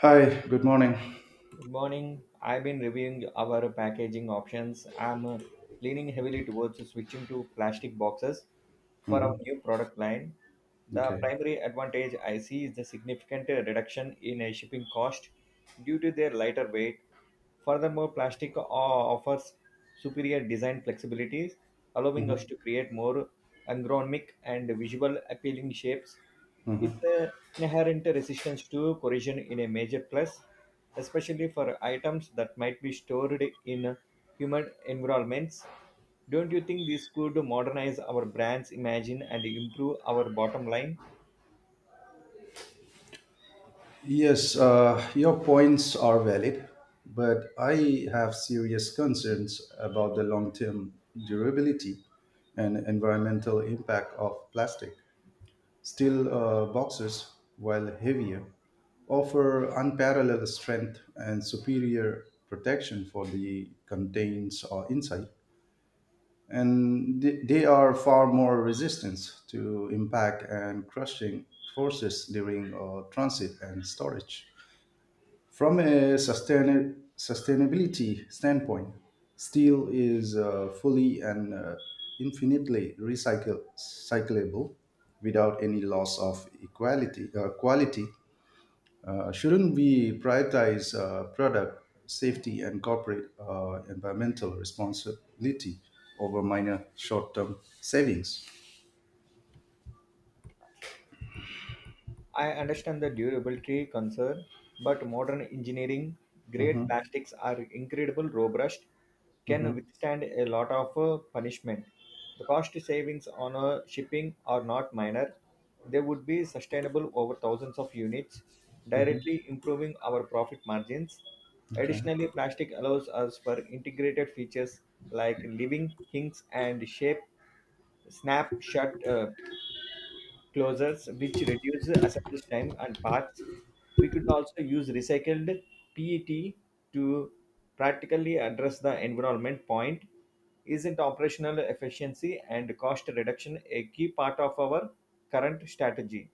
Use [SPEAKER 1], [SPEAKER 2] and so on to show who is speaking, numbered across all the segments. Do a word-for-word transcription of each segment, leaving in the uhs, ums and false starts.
[SPEAKER 1] Hi, good morning.
[SPEAKER 2] Good morning. I've been reviewing our packaging options. I'm uh, Leaning heavily towards switching to plastic boxes for our
[SPEAKER 1] hmm
[SPEAKER 2] new product line. The
[SPEAKER 1] Okay.
[SPEAKER 2] primary advantage I see is the significant uh, reduction in uh, shipping cost due to their lighter weight. Furthermore, plastic o- offers superior design flexibilities, allowing
[SPEAKER 1] hmm
[SPEAKER 2] us to create more ergonomic and visual appealing shapes. Its uh, inherent resistance to corrosion in a major plus, especially for items that might be stored in humid environments. Don't you think this could modernize our brand's imagine, and improve our bottom line?
[SPEAKER 1] Yes, uh, your points are valid, but I have serious concerns about the long term durability and environmental impact of plastic. Steel uh, boxes, while heavier, offer unparalleled strength and superior protection for the contents or inside, and they they are far more resistant to impact and crushing forces during uh, transit and storage. From a sustain- sustainability standpoint, steel is uh, fully and uh, infinitely recycle- recyclable without any loss of equality, uh, quality. Uh, shouldn't we prioritize uh, product safety and corporate uh, environmental responsibility over minor short term savings?
[SPEAKER 2] I understand the durability concern, but modern engineering grade
[SPEAKER 1] hmm
[SPEAKER 2] plastics are incredible robust,
[SPEAKER 1] hmm
[SPEAKER 2] can withstand a lot of uh, punishment. The cost savings on uh, shipping are not minor. They would be sustainable over thousands of units, directly improving our profit margins.
[SPEAKER 1] Okay.
[SPEAKER 2] Additionally, plastic allows us for integrated features like living hinges and shape snap shut uh, closures, which reduce assemblage time and parts. We could also use recycled P E T to practically address the environment point. Isn't operational efficiency and cost reduction a key part of our current strategy?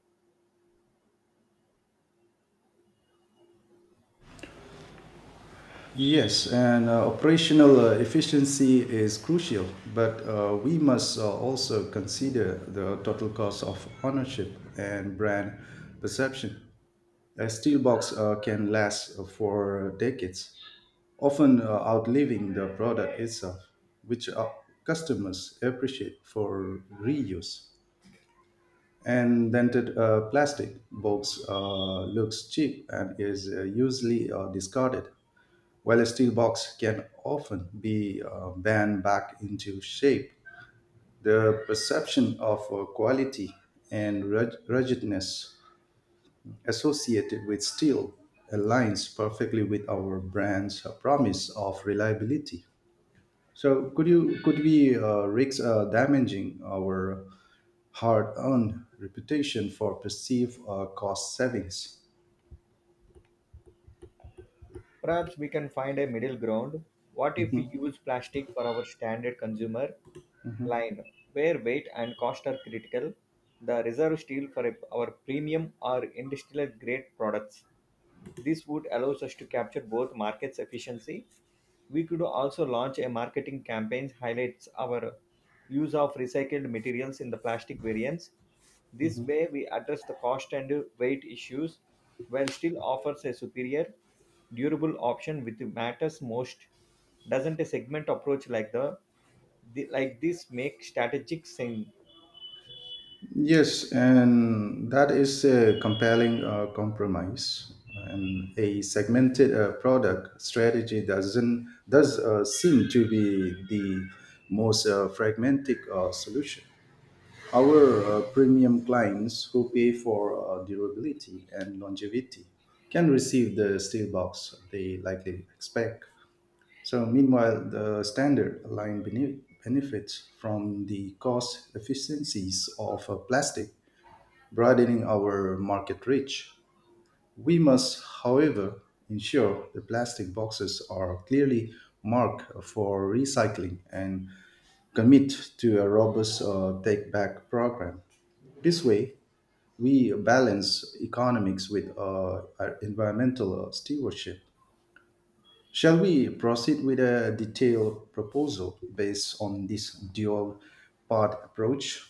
[SPEAKER 1] Yes, and uh, operational uh, efficiency is crucial, but uh, we must uh, also consider the total cost of ownership and brand perception. A steel box uh, can last for decades, often uh, outliving the product itself, which uh, customers appreciate for reuse, and dented uh, plastic box uh, looks cheap and is uh, usually uh, discarded, while a steel box can often be uh, bent back into shape. The perception of uh, quality and rug- ruggedness associated with steel aligns perfectly with our brand's promise of reliability. So, could you could we uh, risk uh, damaging our hard earned reputation for perceived uh, cost savings?
[SPEAKER 2] Perhaps we can find a middle ground. What if we use plastic for our standard consumer line where weight and cost are critical, the reserve steel for a- our premium or industrial grade products. This would allow us to capture both markets efficiency. We could also launch a marketing campaign highlights our use of recycled materials in the plastic variants. This way we address the cost and weight issues while still offers a superior durable option which matters most. Doesn't a segment approach like the, the like this make strategic sense?
[SPEAKER 1] Yes, and that is a compelling uh, compromise. And a segmented uh, product strategy doesn't does uh, seem to be the most uh, fragmented uh, solution. Our uh, premium clients who pay for uh, durability and longevity can receive the steel box they likely expect. So, meanwhile, the standard line bene- benefits from the cost efficiencies of uh, plastic, broadening our market reach. We must, however, ensure the plastic boxes are clearly marked for recycling and commit to a robust uh, take back program. This way, we balance economics with uh, our environmental uh, stewardship. Shall we proceed with a detailed proposal based on this dual part approach?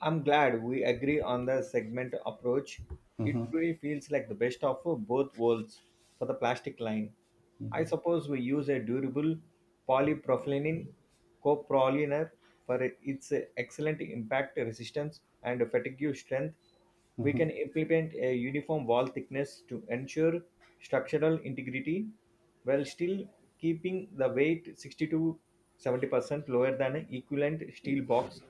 [SPEAKER 2] I'm glad we agree on the segment approach. It really feels like the best of both worlds for the plastic line. I suppose we use a durable polypropylene coproliner for its excellent impact resistance and fatigue strength. We can
[SPEAKER 1] Mhm.
[SPEAKER 2] implement a uniform wall thickness to ensure structural integrity while still keeping the weight sixty to seventy percent lower than an equivalent steel box.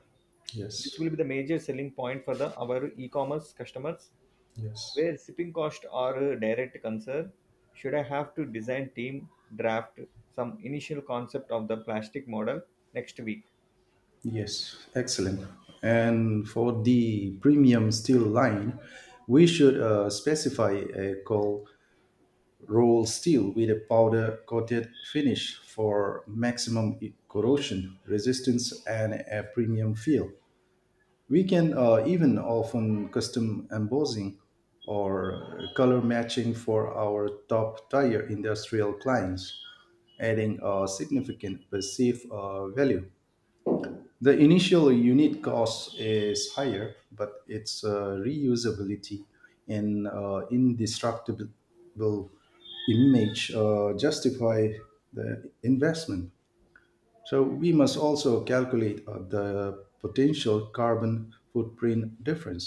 [SPEAKER 1] Yes,
[SPEAKER 2] This will be the major selling point for the our e-commerce customers,
[SPEAKER 1] yes,
[SPEAKER 2] where shipping costs are a direct concern. Should I have to design team draft some initial concept of the plastic model next week?
[SPEAKER 1] yes, excellent. And for the premium steel line, we should uh, specify a cold roll steel with a powder coated finish for maximum corrosion resistance and a premium feel. We can uh, even often custom embossing or color matching for our top tier industrial clients, adding a significant perceived uh, value. The initial unit cost is higher, but its uh, reusability and uh, indestructible image uh, justify the investment. So we must also calculate uh, the potential carbon footprint difference,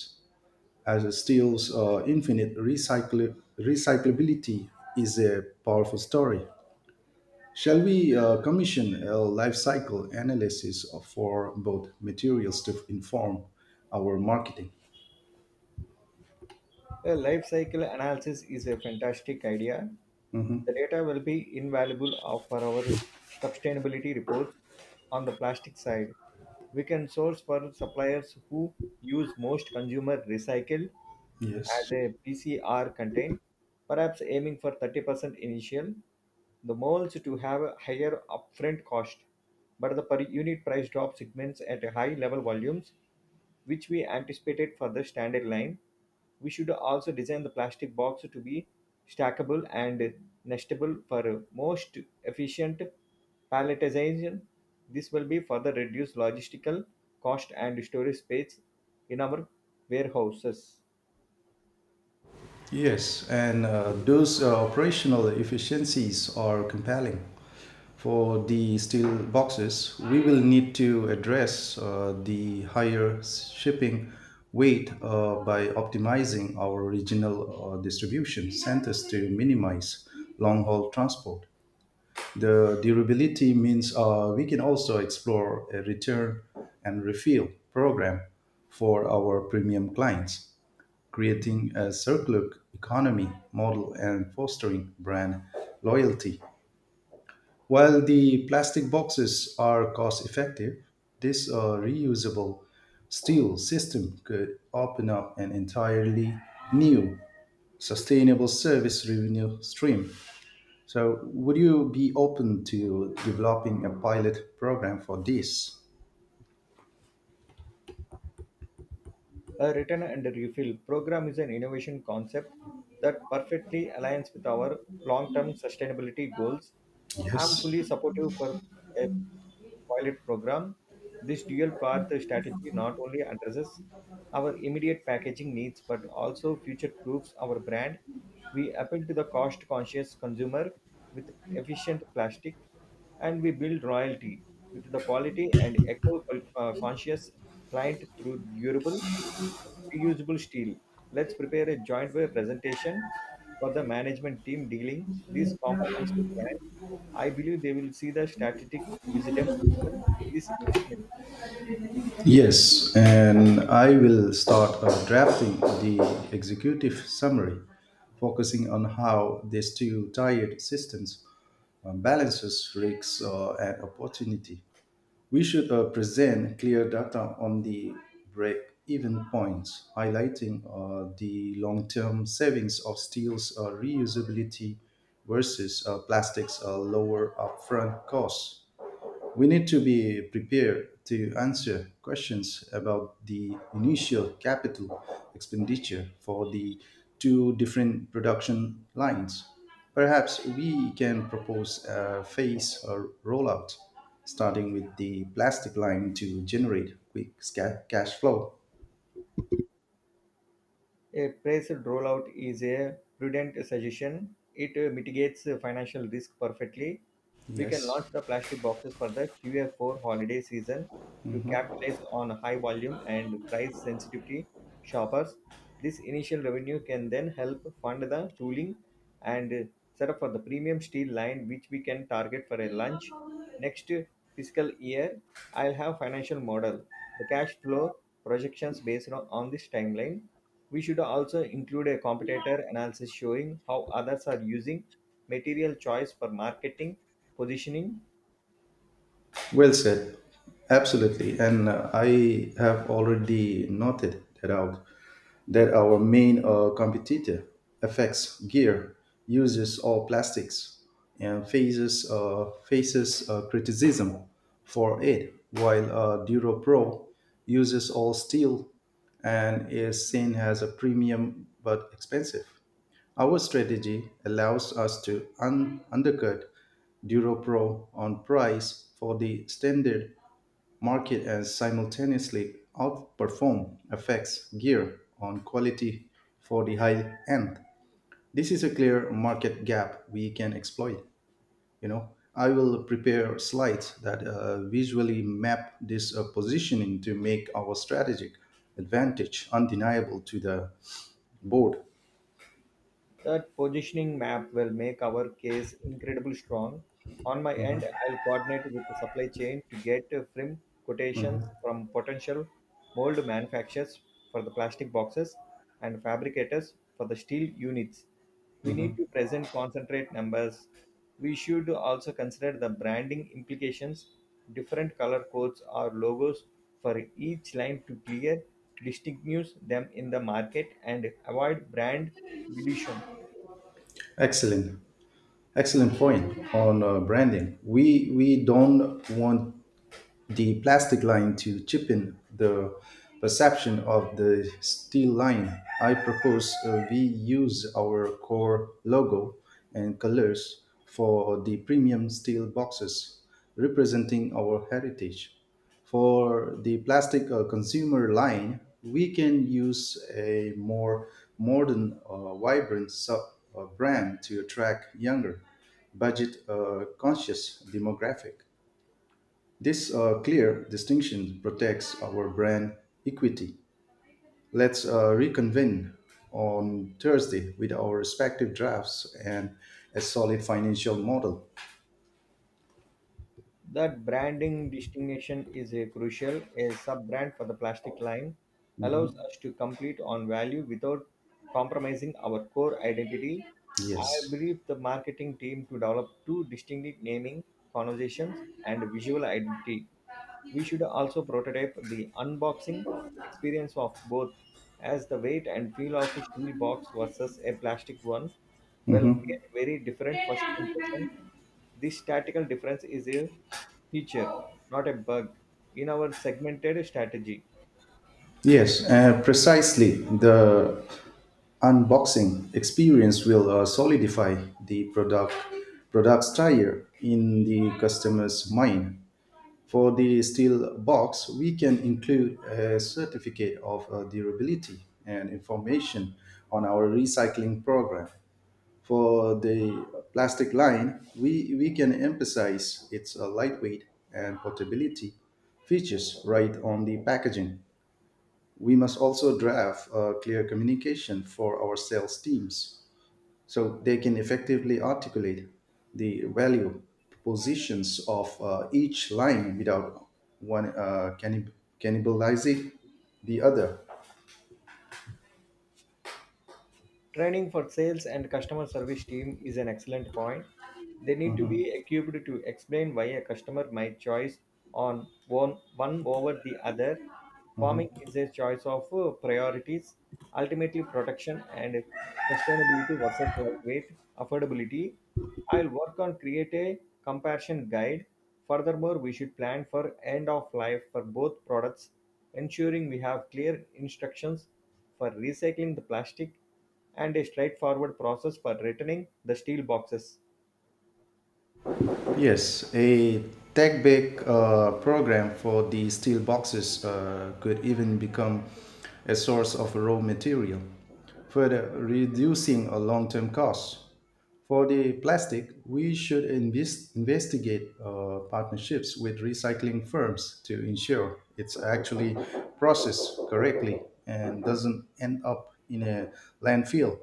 [SPEAKER 1] as steel's uh, infinite recycl- recyclability is a powerful story. Shall we uh, commission a life cycle analysis for both materials to inform our marketing?
[SPEAKER 2] A life cycle analysis is a fantastic idea. The data will be invaluable of- for our sustainability reports on the plastic side. We can source for suppliers who use most consumer recycle as
[SPEAKER 1] Yes.
[SPEAKER 2] a P C R content, perhaps aiming for thirty percent initial, the molds to have a higher upfront cost, but the per unit price drop segments at a high level volumes which we anticipated for the standard line. We should also design the plastic box to be stackable and nestable for most efficient palletization. This will be further reduce logistical cost and storage space in our warehouses.
[SPEAKER 1] Yes, and uh, those uh, operational efficiencies are compelling. For the steel boxes, we will need to address uh, the higher shipping weight uh, by optimizing our regional uh, distribution centers to minimize long haul transport. The durability means uh, we can also explore a return and refill program for our premium clients, creating a circular economy model and fostering brand loyalty. While the plastic boxes are cost effective, this uh, reusable steel system could open up an entirely new sustainable service revenue stream. So, would you be open to developing a pilot program for this?
[SPEAKER 2] A return and refill program is an innovation concept that perfectly aligns with our long-term sustainability goals. I'm
[SPEAKER 1] Yes.
[SPEAKER 2] fully supportive for a pilot program. This dual path strategy not only addresses our immediate packaging needs but also future proofs our brand. We appeal to the cost conscious consumer with efficient plastic, and we build royalty with the quality and eco uh, conscious client through durable reusable steel. Let's prepare a joint way presentation for the management team dealing this comprehensive plan. I believe they will see the strategic wisdom in this investment.
[SPEAKER 1] Yes, and I will start uh, drafting the executive summary, focusing on how these two tiered systems uh, balances risks uh, and opportunity. We should uh, present clear data on the break-even points, highlighting uh, the long-term savings of steel's uh, reusability versus uh, plastic's uh, lower upfront costs. We need to be prepared to answer questions about the initial capital expenditure for the two different production lines. Perhaps we can propose a phase or rollout, starting with the plastic line to generate quick sca- cash flow.
[SPEAKER 2] A phased rollout is a prudent suggestion. It uh, mitigates uh, financial risk perfectly. We can
[SPEAKER 1] Yes.
[SPEAKER 2] launch the plastic boxes for the Q F four holiday season to capitalize on high volume and price sensitivity shoppers. This initial revenue can then help fund the tooling and uh, set up for the premium steel line, which we can target for a lunch next fiscal year. I'll have financial model, the cash flow projections based on, on this timeline. We should also include a competitor analysis showing how others are using material choice for marketing, positioning.
[SPEAKER 1] Well said. Absolutely. And uh, I have already noted that out, that our main uh, competitor, F X Gear, uses all plastics and faces, uh, faces uh, criticism for it, while uh, Duro Pro uses all steel and is seen as a premium but expensive. Our strategy allows us to un- undercut DuroPro on price for the standard market and simultaneously outperform F X gear on quality for the high end. This is a clear market gap we can exploit. You know, I will prepare slides that uh, visually map this uh, positioning to make our strategic advantage undeniable to the board.
[SPEAKER 2] That positioning map will make our case incredibly strong. On my end, I'll coordinate with the supply chain to get uh, firm quotations from potential mold manufacturers for the plastic boxes and fabricators for the steel units. We need to present concentrate numbers. We should also consider the branding implications, different color codes or logos for each line to clear distinguish them in the market and avoid brand dilution.
[SPEAKER 1] Excellent. Excellent point on uh, branding. We we don't want the plastic line to cheapen the perception of the steel line. I propose uh, we use our core logo and colors for the premium steel boxes, representing our heritage. For the plastic uh, consumer line, we can use a more modern, uh, vibrant sub uh, brand to attract younger, budget uh, conscious demographic. This uh, clear distinction protects our brand equity. Let's uh, reconvene on Thursday with our respective drafts and a solid financial model.
[SPEAKER 2] That branding distinction is a crucial. A sub-brand for the plastic line
[SPEAKER 1] Mhm.
[SPEAKER 2] allows us to complete on value without compromising our core identity. I
[SPEAKER 1] Yes.
[SPEAKER 2] briefed the marketing team to develop two distinct naming conversations and visual identity. We should also prototype the unboxing experience of both as the weight and feel of a steel box versus a plastic one will
[SPEAKER 1] Mhm.
[SPEAKER 2] create very different first impression. This tactical difference is a feature, not a bug, in our segmented strategy.
[SPEAKER 1] Yes, uh, precisely. The unboxing experience will uh, solidify the product product's tire in the customer's mind. For the steel box, we can include a certificate of uh, durability and information on our recycling program. For the plastic line, we, we can emphasize its uh, lightweight and portability features right on the packaging. We must also draft uh, clear communication for our sales teams so they can effectively articulate the value propositions of uh, each line without one uh, cannib- cannibalizing the other.
[SPEAKER 2] Training for sales and customer service team is an excellent point. They need to be equipped to explain why a customer might choose on one, one over the other. Farming is a choice of uh, priorities, ultimately protection and sustainability versus lightweight affordability. I'll work on create a comparison guide. Furthermore, we should plan for end of life for both products, ensuring we have clear instructions for recycling the plastic and a straightforward process for returning the steel boxes.
[SPEAKER 1] Yes, a tech back uh, program for the steel boxes uh, could even become a source of raw material, further reducing a long term cost. For the plastic, we should invest investigate uh, partnerships with recycling firms to ensure it's actually processed correctly and doesn't end up in a landfill.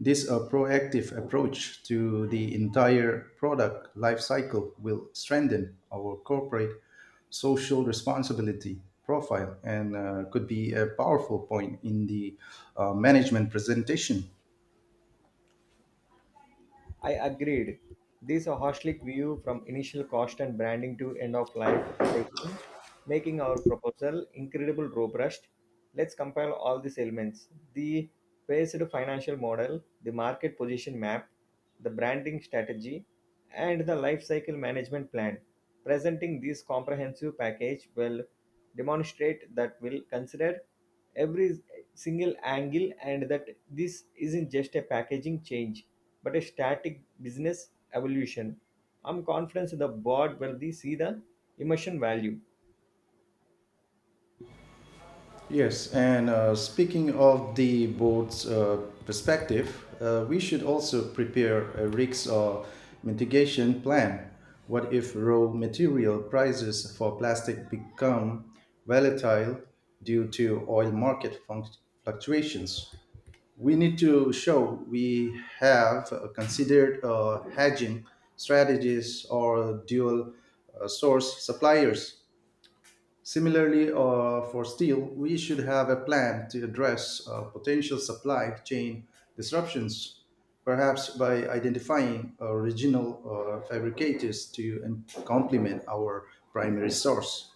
[SPEAKER 1] This uh, proactive approach to the entire product life cycle will strengthen our corporate social responsibility profile and uh, could be a powerful point in the uh, management presentation.
[SPEAKER 2] I agreed. This holistic view from initial cost and branding to end of life recycling, making our proposal incredibly robust. Let's compile all these elements the phased financial model, the market position map, the branding strategy, and the life cycle management plan. Presenting this comprehensive package will demonstrate that we'll consider every single angle and that this isn't just a packaging change but a static business evolution. I'm confident the board will they see the immersion value.
[SPEAKER 1] Yes, and uh, speaking of the board's uh, perspective, uh, we should also prepare a risk or mitigation plan. What if raw material prices for plastic become volatile due to oil market funct- fluctuations? We need to show we have uh, considered uh, hedging strategies or dual uh, source suppliers. Similarly, uh, for steel, we should have a plan to address uh, potential supply chain disruptions, perhaps by identifying uh, regional uh, fabricators to um, complement our primary source.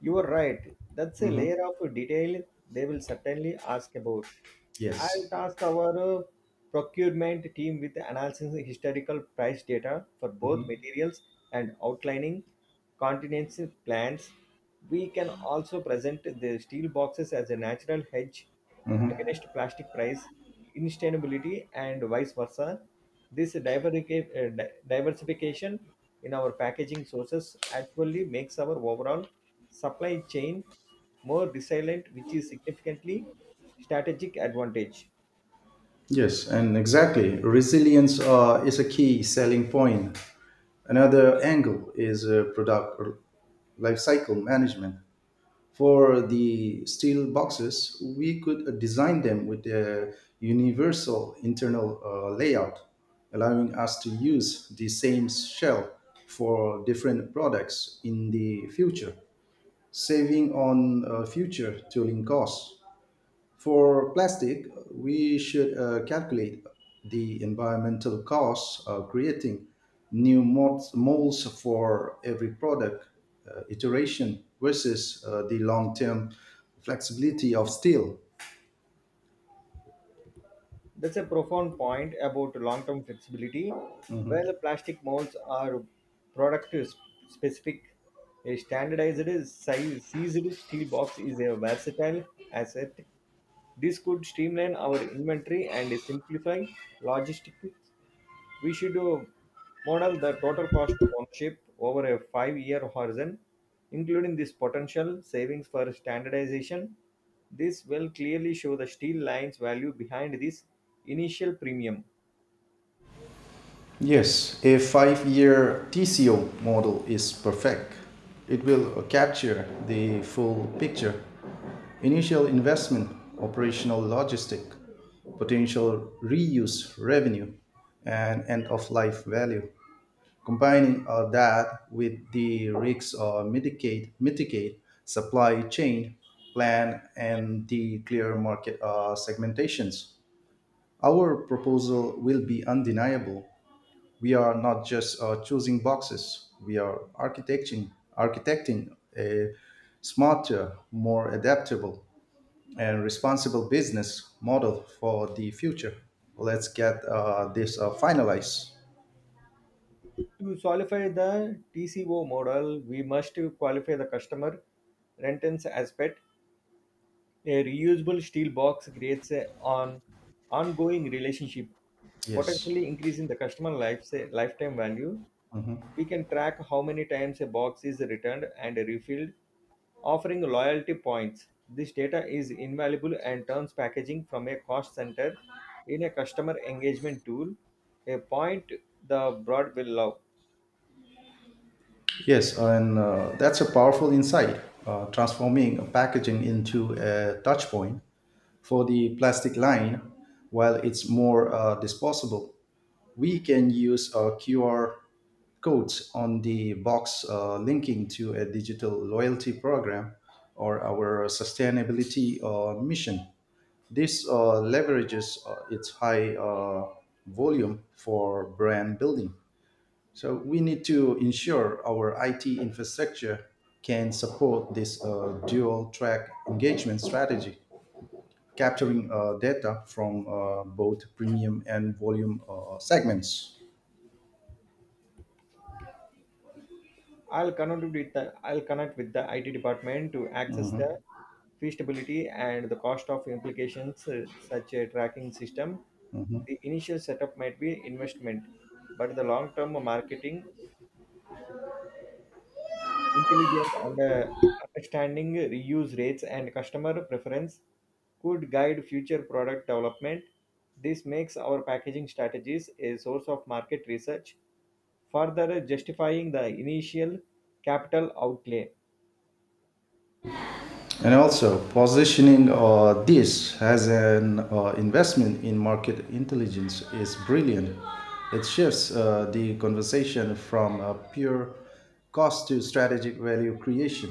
[SPEAKER 2] You are right. That's a layer of detail they will certainly ask about. I'll
[SPEAKER 1] Yes.
[SPEAKER 2] task our uh, procurement team with analyzing the historical price data for
[SPEAKER 1] Mhm.
[SPEAKER 2] both materials and outlining contingency plans. We can also present the steel boxes as a natural hedge
[SPEAKER 1] Mhm.
[SPEAKER 2] against plastic price instability and vice versa. This diverca- uh, di- diversification in our packaging sources actually makes our overall supply chain more resilient, which is significantly strategic advantage.
[SPEAKER 1] Yes, and exactly. Resilience uh, is a key selling point. Another angle is uh, product life cycle management. For the steel boxes, we could uh, design them with a universal internal uh, layout, allowing us to use the same shell for different products in the future, saving on uh, future tooling costs. For plastic, we should uh, calculate the environmental costs of creating new mold- molds for every product uh, iteration versus uh, the long term flexibility of steel.
[SPEAKER 2] That's a profound point about long-term flexibility, where plastic molds are product sp- specific. A standardized size seized steel box is a versatile asset. This could streamline our inventory and simplify logistics. We should uh, model the total cost of ownership over a five year horizon, including this potential savings for standardization. This will clearly show the steel line's value behind this initial premium.
[SPEAKER 1] Yes, a five year T C O model is perfect. It will uh, capture the full picture: initial investment, operational logistic, potential reuse revenue, and end of life value. Combining all that with the risks or mitigate, mitigate supply chain plan and the clear market uh, segmentations, our proposal will be undeniable. We are not just uh, choosing boxes, we are architecting architecting a smarter, more adaptable, and responsible business model for the future. Let's get uh, this uh, finalized.
[SPEAKER 2] To qualify the T C O model, we must qualify the customer rentance aspect. A reusable steel box creates an ongoing relationship,
[SPEAKER 1] Yes.
[SPEAKER 2] potentially increasing the customer life's lifetime value.
[SPEAKER 1] Mhm.
[SPEAKER 2] We can track how many times a box is returned and refilled, offering loyalty points. This data is invaluable and turns packaging from a cost center in a customer engagement tool, a point the broad will love.
[SPEAKER 1] Yes, and uh, that's a powerful insight, uh, transforming packaging into a touch point. For the plastic line, while it's more uh, disposable, we can use uh, Q R codes on the box uh, linking to a digital loyalty program or our sustainability uh, mission. This uh, leverages uh, its high uh, volume for brand building. So we need to ensure our I T infrastructure can support this uh, dual track engagement strategy, capturing uh, data from uh, both premium and volume uh, segments.
[SPEAKER 2] I'll connect with the I'll connect with the I T department to access the feasibility and the cost of implications uh, such a tracking system. The initial setup might be investment, but the long-term marketing, intelligent and uh, understanding reuse rates and customer preference could guide future product development. This makes our packaging strategies a source of market research, further justifying the initial capital outlay.
[SPEAKER 1] And also, positioning uh, this as an uh, investment in market intelligence is brilliant. It shifts uh, the conversation from uh, pure cost to strategic value creation.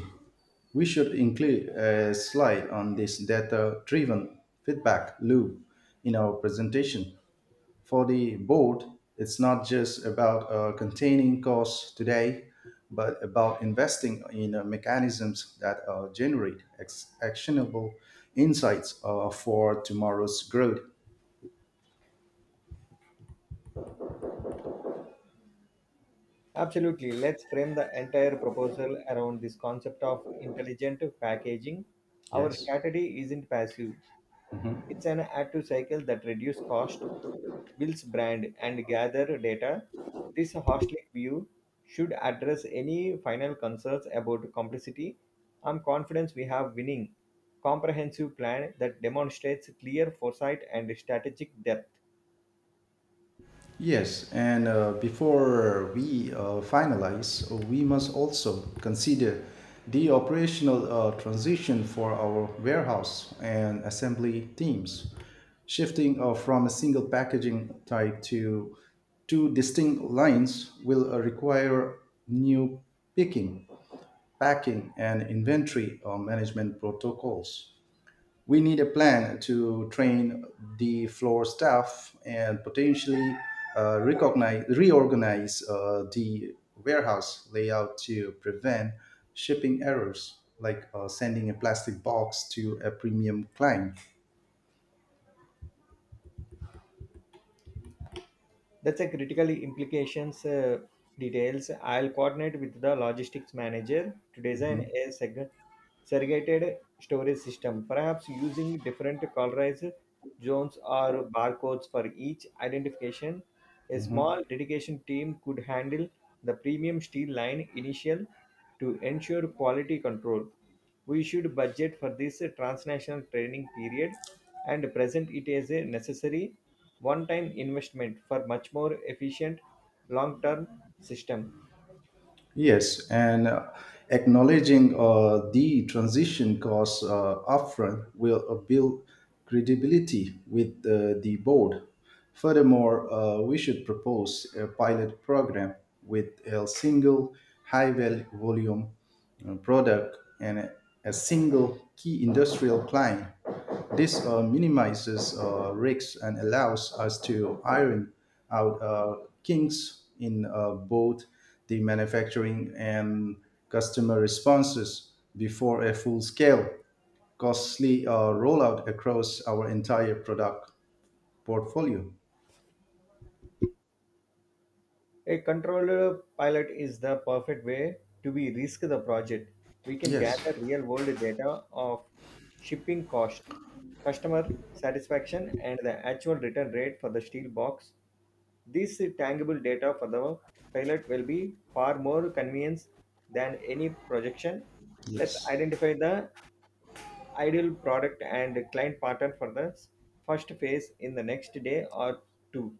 [SPEAKER 1] We should include a slide on this data driven feedback loop in our presentation. For the board, it's not just about uh, containing costs today, but about investing in uh, mechanisms that uh, generate ex- actionable insights uh, for tomorrow's growth.
[SPEAKER 2] Absolutely. Let's frame the entire proposal around this concept of intelligent packaging. Our
[SPEAKER 1] Yes.
[SPEAKER 2] strategy isn't passive, it's an active cycle that reduces cost, builds brand, and gather data. This holistic view should address any final concerns about complexity. I'm confident we have winning comprehensive plan that demonstrates clear foresight and strategic depth.
[SPEAKER 1] Yes, and uh, before we uh, finalize, we must also consider the operational uh, transition for our warehouse and assembly teams. Shifting uh, from a single packaging type to two distinct lines will uh, require new picking, packing, and inventory uh, management protocols. We need a plan to train the floor staff and potentially uh, recognize, reorganize uh, the warehouse layout to prevent shipping errors, like uh, sending a plastic box to a premium client.
[SPEAKER 2] That's a critical implications uh, details. I'll coordinate with the logistics manager to design
[SPEAKER 1] Mhm,
[SPEAKER 2] a seg- segregated storage system, perhaps using different colorized zones or barcodes for each identification. A small
[SPEAKER 1] mhm.
[SPEAKER 2] dedication team could handle the premium steel line initial to ensure quality control. We should budget for this transnational training period and present it as a necessary one-time investment for much more efficient long-term system.
[SPEAKER 1] Yes, and uh, acknowledging uh, the transition costs uh, upfront will uh, build credibility with uh, the board. Furthermore, uh, we should propose a pilot program with a single high val- volume uh, product and a, a single key industrial client. This uh, minimizes uh, risks and allows us to iron out uh, kinks in uh, both the manufacturing and customer responses before a full scale, costly uh, rollout across our entire product portfolio.
[SPEAKER 2] A controlled pilot is the perfect way to be risk the project. We can
[SPEAKER 1] Yes,
[SPEAKER 2] gather real-world data of shipping cost, customer satisfaction, and the actual return rate for the steel box. This tangible data for the pilot will be far more convenience than any projection. Let's
[SPEAKER 1] yes.
[SPEAKER 2] identify the ideal product and client pattern for the first phase in the next day or two.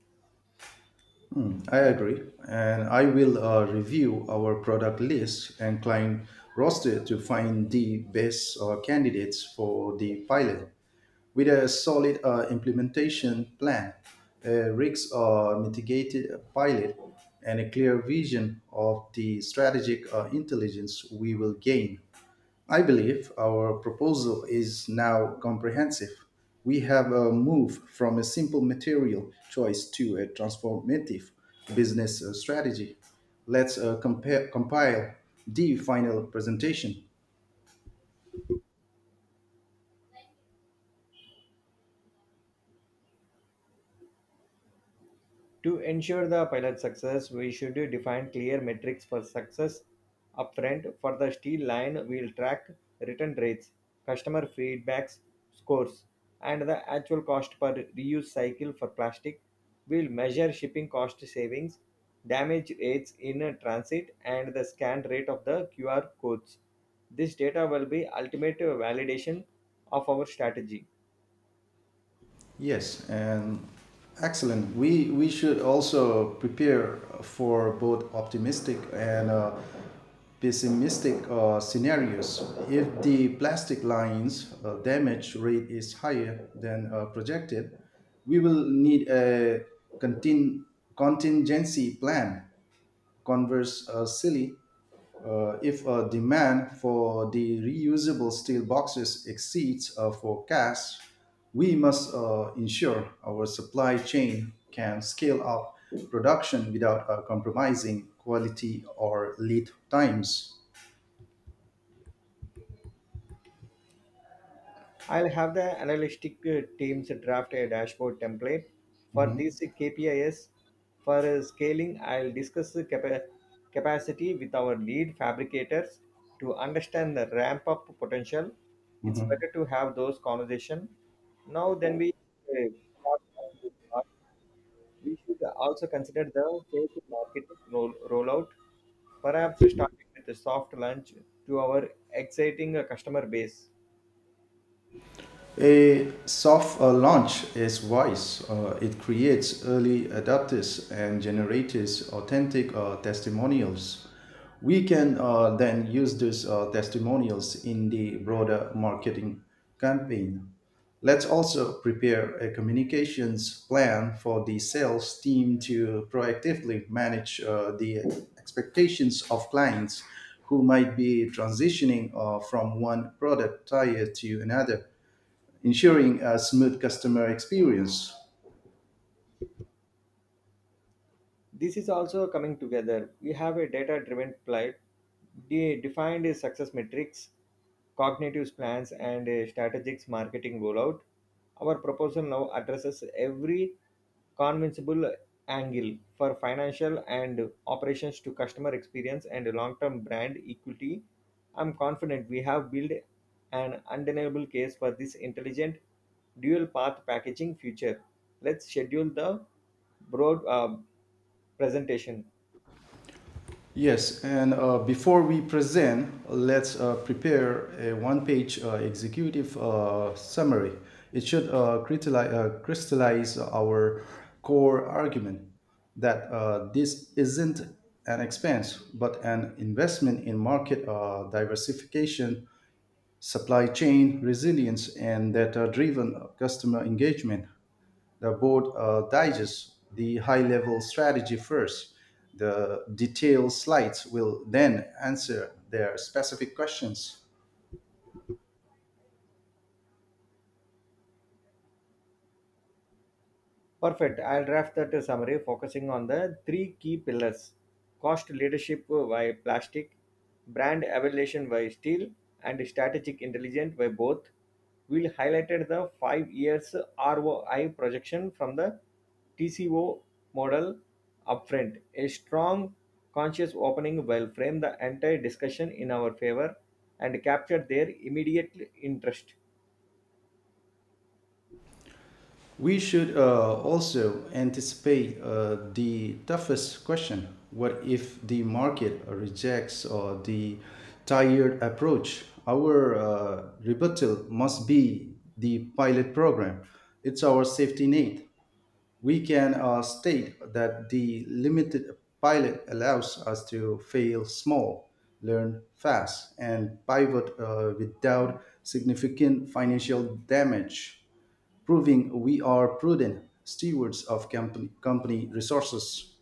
[SPEAKER 1] Mm, I agree. And I will uh, review our product list and client roster to find the best uh, candidates for the pilot. With a solid uh, implementation plan, a risk uh, mitigated pilot, and a clear vision of the strategic uh, intelligence we will gain, I believe our proposal is now comprehensive. We have a move from a simple material choice to a transformative business uh, strategy. Let's uh, compare, compile the final presentation.
[SPEAKER 2] To ensure the pilot success, we should define clear metrics for success upfront. For the steel line, we'll track return rates, customer feedbacks, scores, and the actual cost per reuse cycle for plastic. We'll measure shipping cost savings, damage rates in transit, and the scan rate of the Q R codes. This data will be ultimate validation of our strategy.
[SPEAKER 1] Yes, and excellent. We we should also prepare for both optimistic and uh, pessimistic uh, scenarios. If the plastic line's uh, damage rate is higher than uh, projected, we will need a contin- contingency plan. Conversely, uh, uh, if uh, demand for the reusable steel boxes exceeds uh, forecast, we must uh, ensure our supply chain can scale up production without uh, compromising quality or lead times.
[SPEAKER 2] I'll have the analytic uh, teams draft a dashboard template for
[SPEAKER 1] Mhm.
[SPEAKER 2] these K P Is. For uh, scaling, I'll discuss the capa- capacity with our lead fabricators to understand the ramp up potential. It's
[SPEAKER 1] Mhm.
[SPEAKER 2] better to have those conversations now than we uh, thought at the start. We should also consider the phased marketing roll- rollout, perhaps starting with a soft launch to our exciting uh, customer base.
[SPEAKER 1] A soft uh, launch is wise. Uh, it creates early adopters and generates authentic uh, testimonials. We can uh, then use these uh, testimonials in the broader marketing campaign. Let's also prepare a communications plan for the sales team to proactively manage uh, the expectations of clients who might be transitioning uh, from one product tier to another, ensuring a smooth customer experience.
[SPEAKER 2] This is also coming together. We have a data driven flight de- defined as success metrics, cognitive plans, and a strategic marketing rollout. Our proposal now addresses every convincible angle for financial and operations to customer experience and long term brand equity. I'm confident we have built an undeniable case for this intelligent dual path packaging future. Let's schedule the broad. Uh, presentation.
[SPEAKER 1] Yes, and uh, before we present, let's uh, prepare a one page uh, executive uh, summary. It should uh, crystallize, uh, crystallize our core argument that uh, this isn't an expense, but an investment in market uh, diversification, supply chain resilience, and data driven customer engagement. The board uh, digests the high level strategy first. The detailed slides will then answer their specific questions.
[SPEAKER 2] Perfect. I'll draft that summary focusing on the three key pillars cost leadership by plastic, brand evaluation by steel, and strategic intelligence by both. We'll highlighted the five years R O I projection from the T C O model upfront. A strong conscious opening will frame the entire discussion in our favor and capture their immediate interest.
[SPEAKER 1] We should uh, also anticipate uh, the toughest question: what if the market rejects uh, the tired approach? Our uh, rebuttal must be the pilot program, it's our safety net. We can uh, state that the limited pilot allows us to fail small, learn fast, and pivot uh, without significant financial damage, proving we are prudent stewards of company, company resources.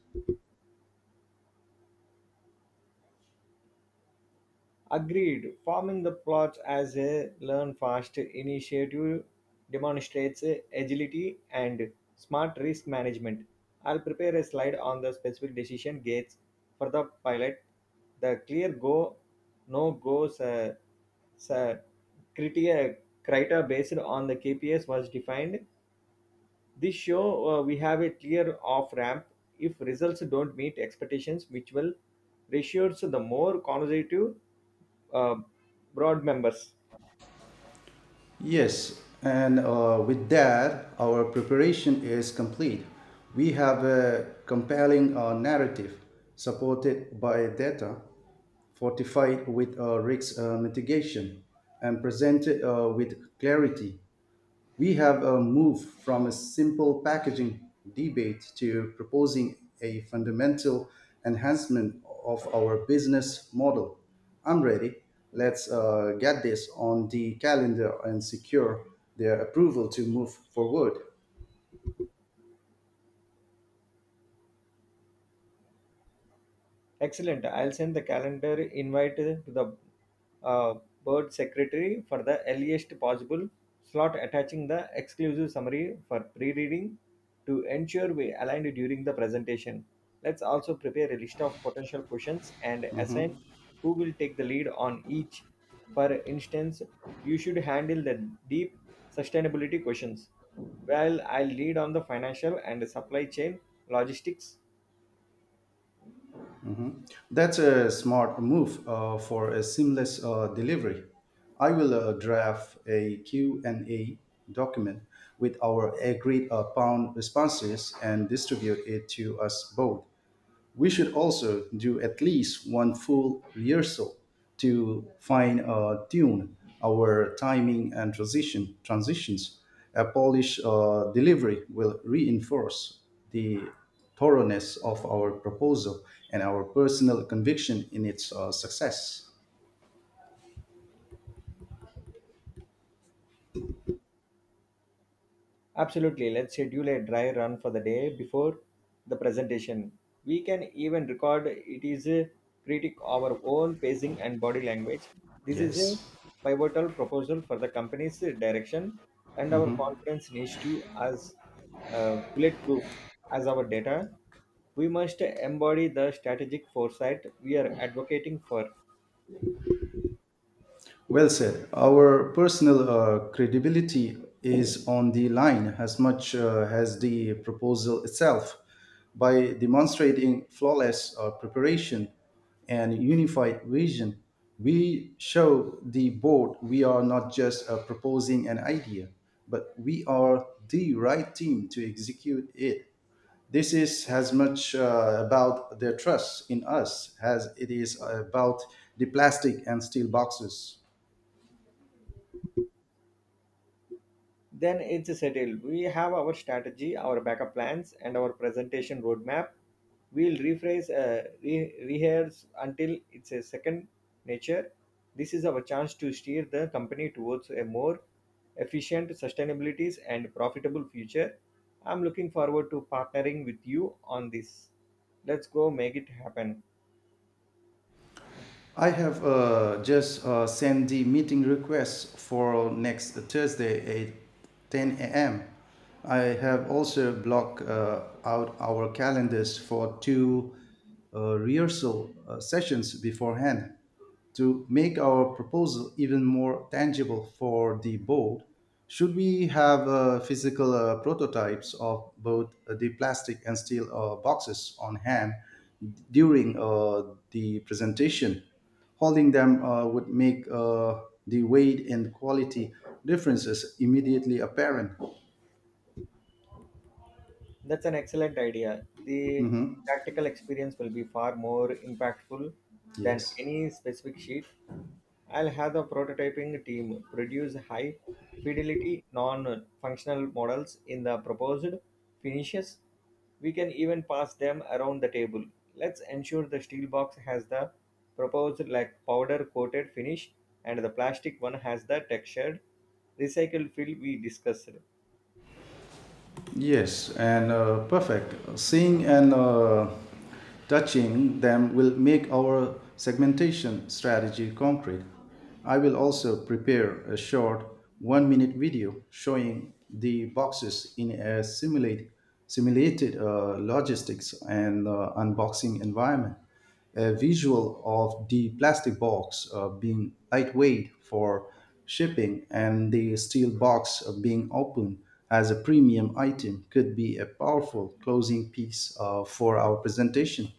[SPEAKER 2] Agreed. Forming the plots as a learn fast initiative demonstrates agility and smart risk management. I'll prepare a slide on the specific decision gates for the pilot, the clear go, no goes, uh, criteria, criteria based on the K P S was defined this show uh, we have a clear off ramp. If results don't meet expectations, which will ratios the more conservative uh, broad members.
[SPEAKER 1] Yes, and uh, with that, our preparation is complete. We have a compelling uh, narrative supported by data, fortified with uh, risk uh, mitigation, and presented uh, with clarity. We have uh, moved from a simple packaging debate to proposing a fundamental enhancement of our business model. I'm ready. Let's uh, get this on the calendar and secure their approval to move forward.
[SPEAKER 2] Excellent. I'll send the calendar invite to the uh, board secretary for the earliest possible slot attaching the exclusive summary for pre-reading to ensure we aligned during the presentation. Let's also prepare a list of potential questions and assign
[SPEAKER 1] Mhm.
[SPEAKER 2] who will take the lead on each. For instance, you should handle the deep sustainability questions, while I'll lead on the financial and supply chain logistics.
[SPEAKER 1] That's a smart move uh, for a seamless uh, delivery. I will uh, draft a Q and A document with our agreed upon responses and distribute it to us both. We should also do at least one full rehearsal to fine uh, tune our timing and transition transitions. A polished uh, delivery will reinforce the thoroughness of our proposal and our personal conviction in its uh, success.
[SPEAKER 2] Absolutely. Let's schedule a dry run for the day before the presentation. We can even record it is a critic our own pacing and body language. This is a
[SPEAKER 1] Yes.
[SPEAKER 2] pivotal proposal for the company's direction and our confidence needs to as uh, bulletproof as our data. We must embody the strategic foresight we are advocating for.
[SPEAKER 1] Well said. Our personal uh, credibility is on the line as much uh, as the proposal itself. By demonstrating flawless uh, preparation and unified vision, we show the board we are not just uh, proposing an idea, but we are the right team to execute it. This is as much uh, about their trust in us as it is uh, about the plastic and steel boxes.
[SPEAKER 2] Then it's settled. We have our strategy, our backup plans, and our presentation roadmap. We'll rephrase, uh, re- rehearse until it's a second nature. This is our chance to steer the company towards a more efficient sustainabilities and profitable future. I'm looking forward to partnering with you on this. Let's go make it happen.
[SPEAKER 1] I have uh, just uh, sent the meeting request for next Thursday at ten a m. I have also blocked uh, out our calendars for two uh, rehearsal uh, sessions beforehand. To make our proposal even more tangible for the board, should we have uh, physical uh, prototypes of both uh, the plastic and steel uh, boxes on hand during uh, the presentation? Holding them uh, would make uh, the weight and quality differences immediately apparent.
[SPEAKER 2] That's an excellent idea. The
[SPEAKER 1] Mhm.
[SPEAKER 2] tactical experience will be far more impactful than
[SPEAKER 1] Yes.
[SPEAKER 2] any specific sheet. I'll have the prototyping team produce high fidelity non functional models in the proposed finishes. We can even pass them around the table. Let's ensure the steel box has the proposed like powder coated finish and the plastic one has the textured recycled fill we discussed.
[SPEAKER 1] Yes, and uh, perfect. Seeing and uh, touching them will make our segmentation strategy concrete. I will also prepare a short one minute video showing the boxes in a simulate, simulated uh, logistics and uh, unboxing environment. A visual of the plastic box uh, being lightweight for shipping and the steel box uh, being open as a premium item could be a powerful closing piece uh, for our presentation.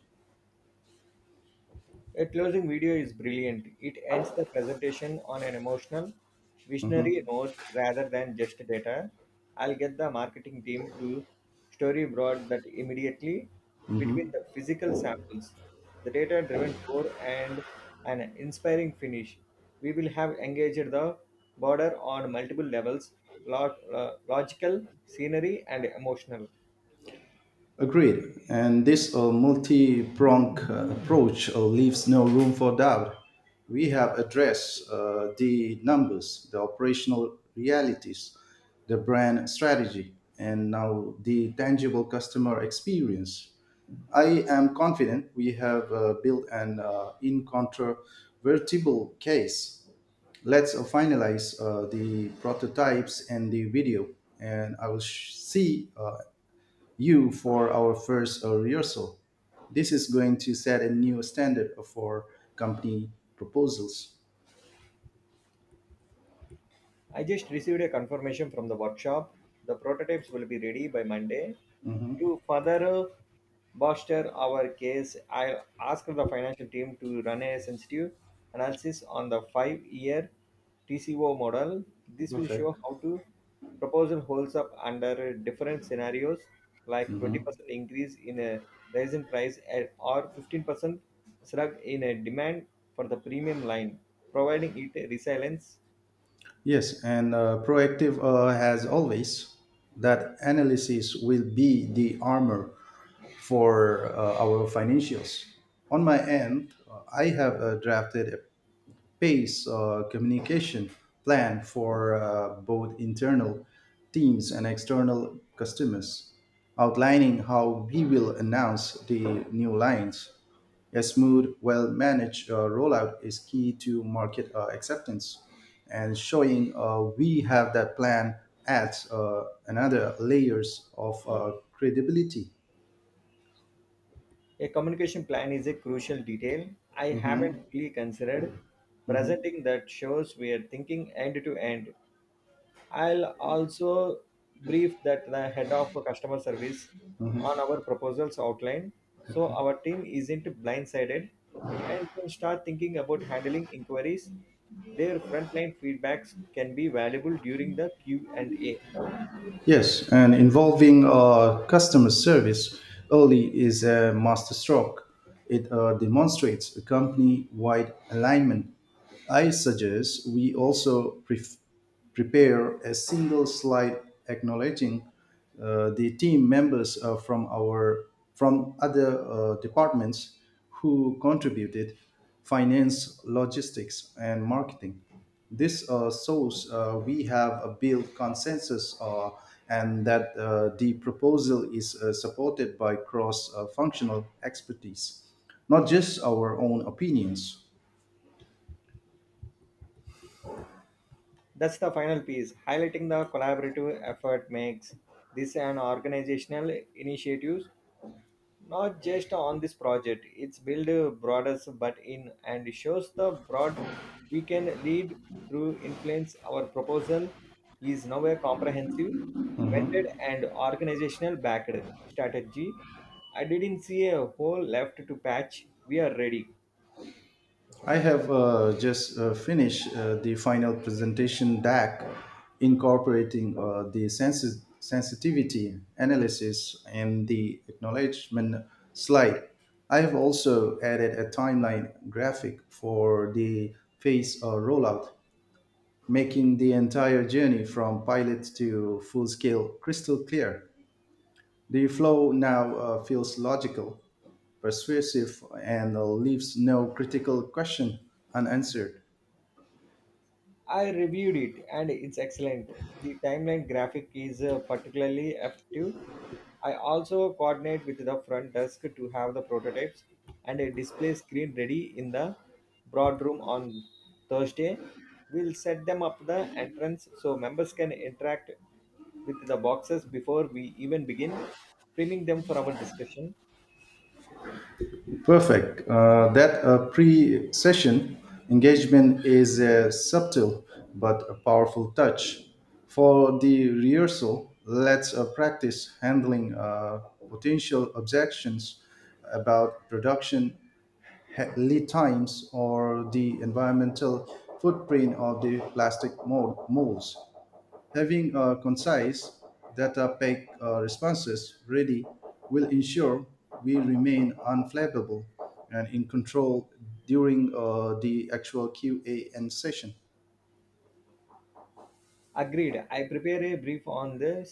[SPEAKER 2] A closing video is brilliant. It ends the presentation on an emotional, visionary
[SPEAKER 1] Mhm.
[SPEAKER 2] note rather than just data. I'll get the marketing team to storyboard that immediately between the physical samples, the data driven core, and an inspiring finish. We will have engaged the border on multiple levels lo- lo- logical, scenery, and emotional.
[SPEAKER 1] Agreed. And this uh, multi pronged approach uh, leaves no room for doubt. We have addressed uh, the numbers, the operational realities, the brand strategy, and now the tangible customer experience. I am confident we have uh, built an uh, incontrovertible case. Let's uh, finalize uh, the prototypes and the video, and I will sh- see uh, you for our first uh, rehearsal. This is going to set a new standard for company proposals.
[SPEAKER 2] I just received a confirmation from the workshop. The prototypes will be ready by Monday.
[SPEAKER 1] Mhm.
[SPEAKER 2] To further bolster our case, I asked the financial team to run a sensitive analysis on the five year T C O model. This will
[SPEAKER 1] Perfect.
[SPEAKER 2] show how to proposal holds up under different scenarios like
[SPEAKER 1] Mhm.
[SPEAKER 2] twenty percent increase in a rise in price and- or fifteen percent slug in a demand for the premium line, providing it a resilience.
[SPEAKER 1] Yes, and uh, proactive uh, has always, that analysis will be the armor for uh, our financials. On my end, uh, I have uh, drafted pace uh, communication plan for uh, both internal teams and external customers, outlining how we will announce the new lines. A smooth, well managed uh, rollout is key to market uh, acceptance, and showing uh, we have that plan adds uh, another layers of uh, credibility.
[SPEAKER 2] A communication plan is a crucial detail I haven't
[SPEAKER 1] Mhm,
[SPEAKER 2] really considered.
[SPEAKER 1] mhm.
[SPEAKER 2] Presenting that shows we are thinking end to end. I'll also brief that the head of customer service on our proposals outline so our team isn't blindsided and can start thinking about handling inquiries. Their frontline feedbacks can be valuable during the Q and A.
[SPEAKER 1] Yes, and involving uh, customer service early is a masterstroke. It uh, demonstrates a company wide alignment. I suggest we also pref- prepare a single slide acknowledging uh, the team members uh, from our from other uh, departments who contributed finance, logistics, and marketing. This uh, shows uh, we have a built consensus, uh, and that uh, the proposal is uh, supported by cross uh, functional expertise, not just our own opinions.
[SPEAKER 2] That's the final piece. Highlighting the collaborative effort makes this an organizational initiative, not just on this project. It's build uh, broader but in and shows the broad we can lead through influence. Our proposal is now a comprehensive, vented and organizational backed strategy. I didn't see a hole left to patch. We are ready.
[SPEAKER 1] I have uh, just uh, finished uh, the final presentation deck incorporating uh, the sensi- sensitivity analysis and the acknowledgement slide. I have also added a timeline graphic for the phase uh, rollout, making the entire journey from pilot to full scale crystal clear. The flow now uh, feels logical, persuasive, and uh, leaves no critical question unanswered.
[SPEAKER 2] I reviewed it and it's excellent. The timeline graphic is uh, particularly effective. I also coordinate with the front desk to have the prototypes and a display screen ready in the broad room on Thursday. We'll set them up the entrance so members can interact with the boxes before we even begin, priming them for our discussion.
[SPEAKER 1] Perfect. Uh, that uh, pre session engagement is a subtle but a powerful touch. For the rehearsal, let's uh, practice handling uh, potential objections about production he- lead times or the environmental footprint of the plastic mold- molds. Having uh, concise, data packed uh, responses ready will ensure we remain unflappable and in control during uh, the actual Q A N session.
[SPEAKER 2] Agreed. I prepare a brief on the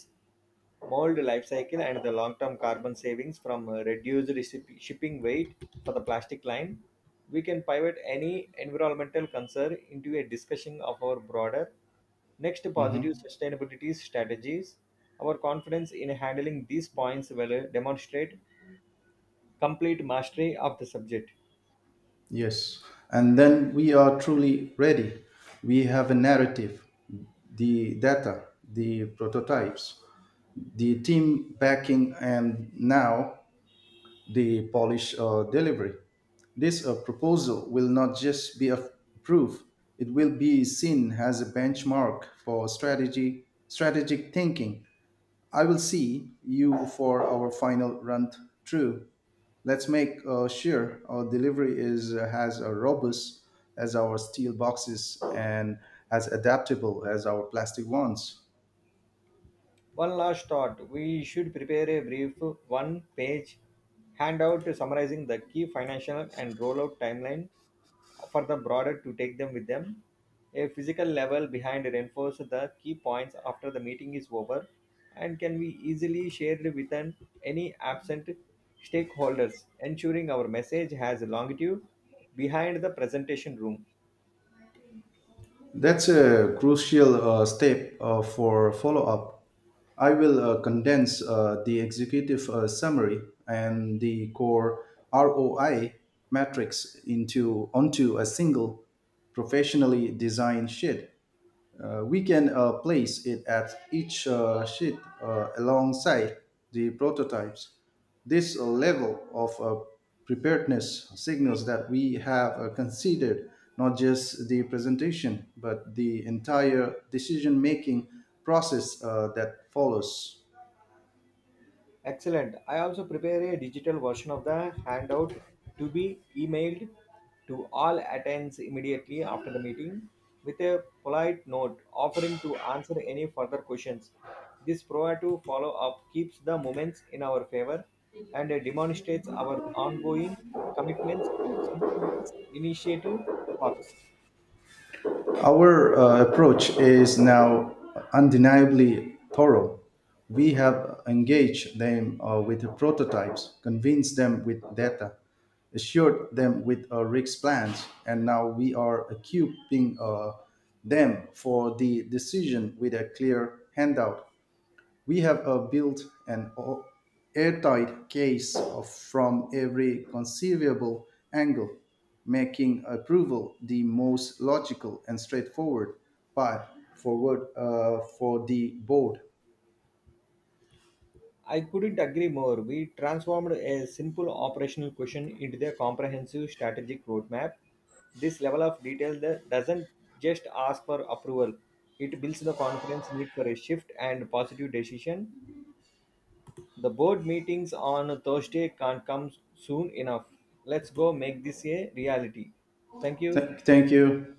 [SPEAKER 2] mold life cycle and the long-term carbon savings from uh, reduced recip- shipping weight for the plastic line. We can pivot any environmental concern into a discussion of our broader next positive
[SPEAKER 1] Mhm.
[SPEAKER 2] sustainability strategies. Our confidence in handling these points will uh, demonstrate complete mastery of the subject.
[SPEAKER 1] Yes. And then we are truly ready. We have a narrative, the data, the prototypes, the team backing, and now the Polish uh, delivery. This uh, proposal will not just be a proof, it will be seen as a benchmark for strategy, strategic thinking. I will see you for our final run through. Let's make uh, sure our delivery is uh, as uh, robust as our steel boxes and as adaptable as our plastic ones.
[SPEAKER 2] One last thought we should prepare a brief one page handout summarizing the key financial and rollout timeline for the broader to take them with them. A physical level behind reinforces the key points after the meeting is over and can be easily shared with an, any absent stakeholders, ensuring our message has longitude behind the presentation room.
[SPEAKER 1] That's a crucial uh, step uh, for follow up. I will uh, condense uh, the executive uh, summary and the core R O I matrix into onto a single professionally designed sheet. Uh, we can uh, place it at each uh, sheet uh, alongside the prototypes. This uh, level of uh, preparedness signals that we have uh, considered not just the presentation, but the entire decision making process uh, that follows.
[SPEAKER 2] Excellent. I also prepare a digital version of the handout to be emailed to all attendees immediately after the meeting with a polite note offering to answer any further questions. This proactive follow up keeps the moments in our favor and demonstrates our ongoing commitments to seeing this initiative works.
[SPEAKER 1] Our uh, approach is now undeniably thorough. We have engaged them uh, with prototypes, convinced them with data, assured them with uh, risk plans, and now we are equipping uh, them for the decision with a clear handout. We have uh, built an o- airtight case of, from every conceivable angle, making approval the most logical and straightforward path forward uh, for the board.
[SPEAKER 2] I couldn't agree more. We transformed a simple operational question into a comprehensive strategic roadmap. This level of detail that doesn't just ask for approval, it builds the confidence need for a shift and positive decision. The board meetings on Thursday can't come soon enough. Let's go make this a reality. Thank you.
[SPEAKER 1] Th- thank you.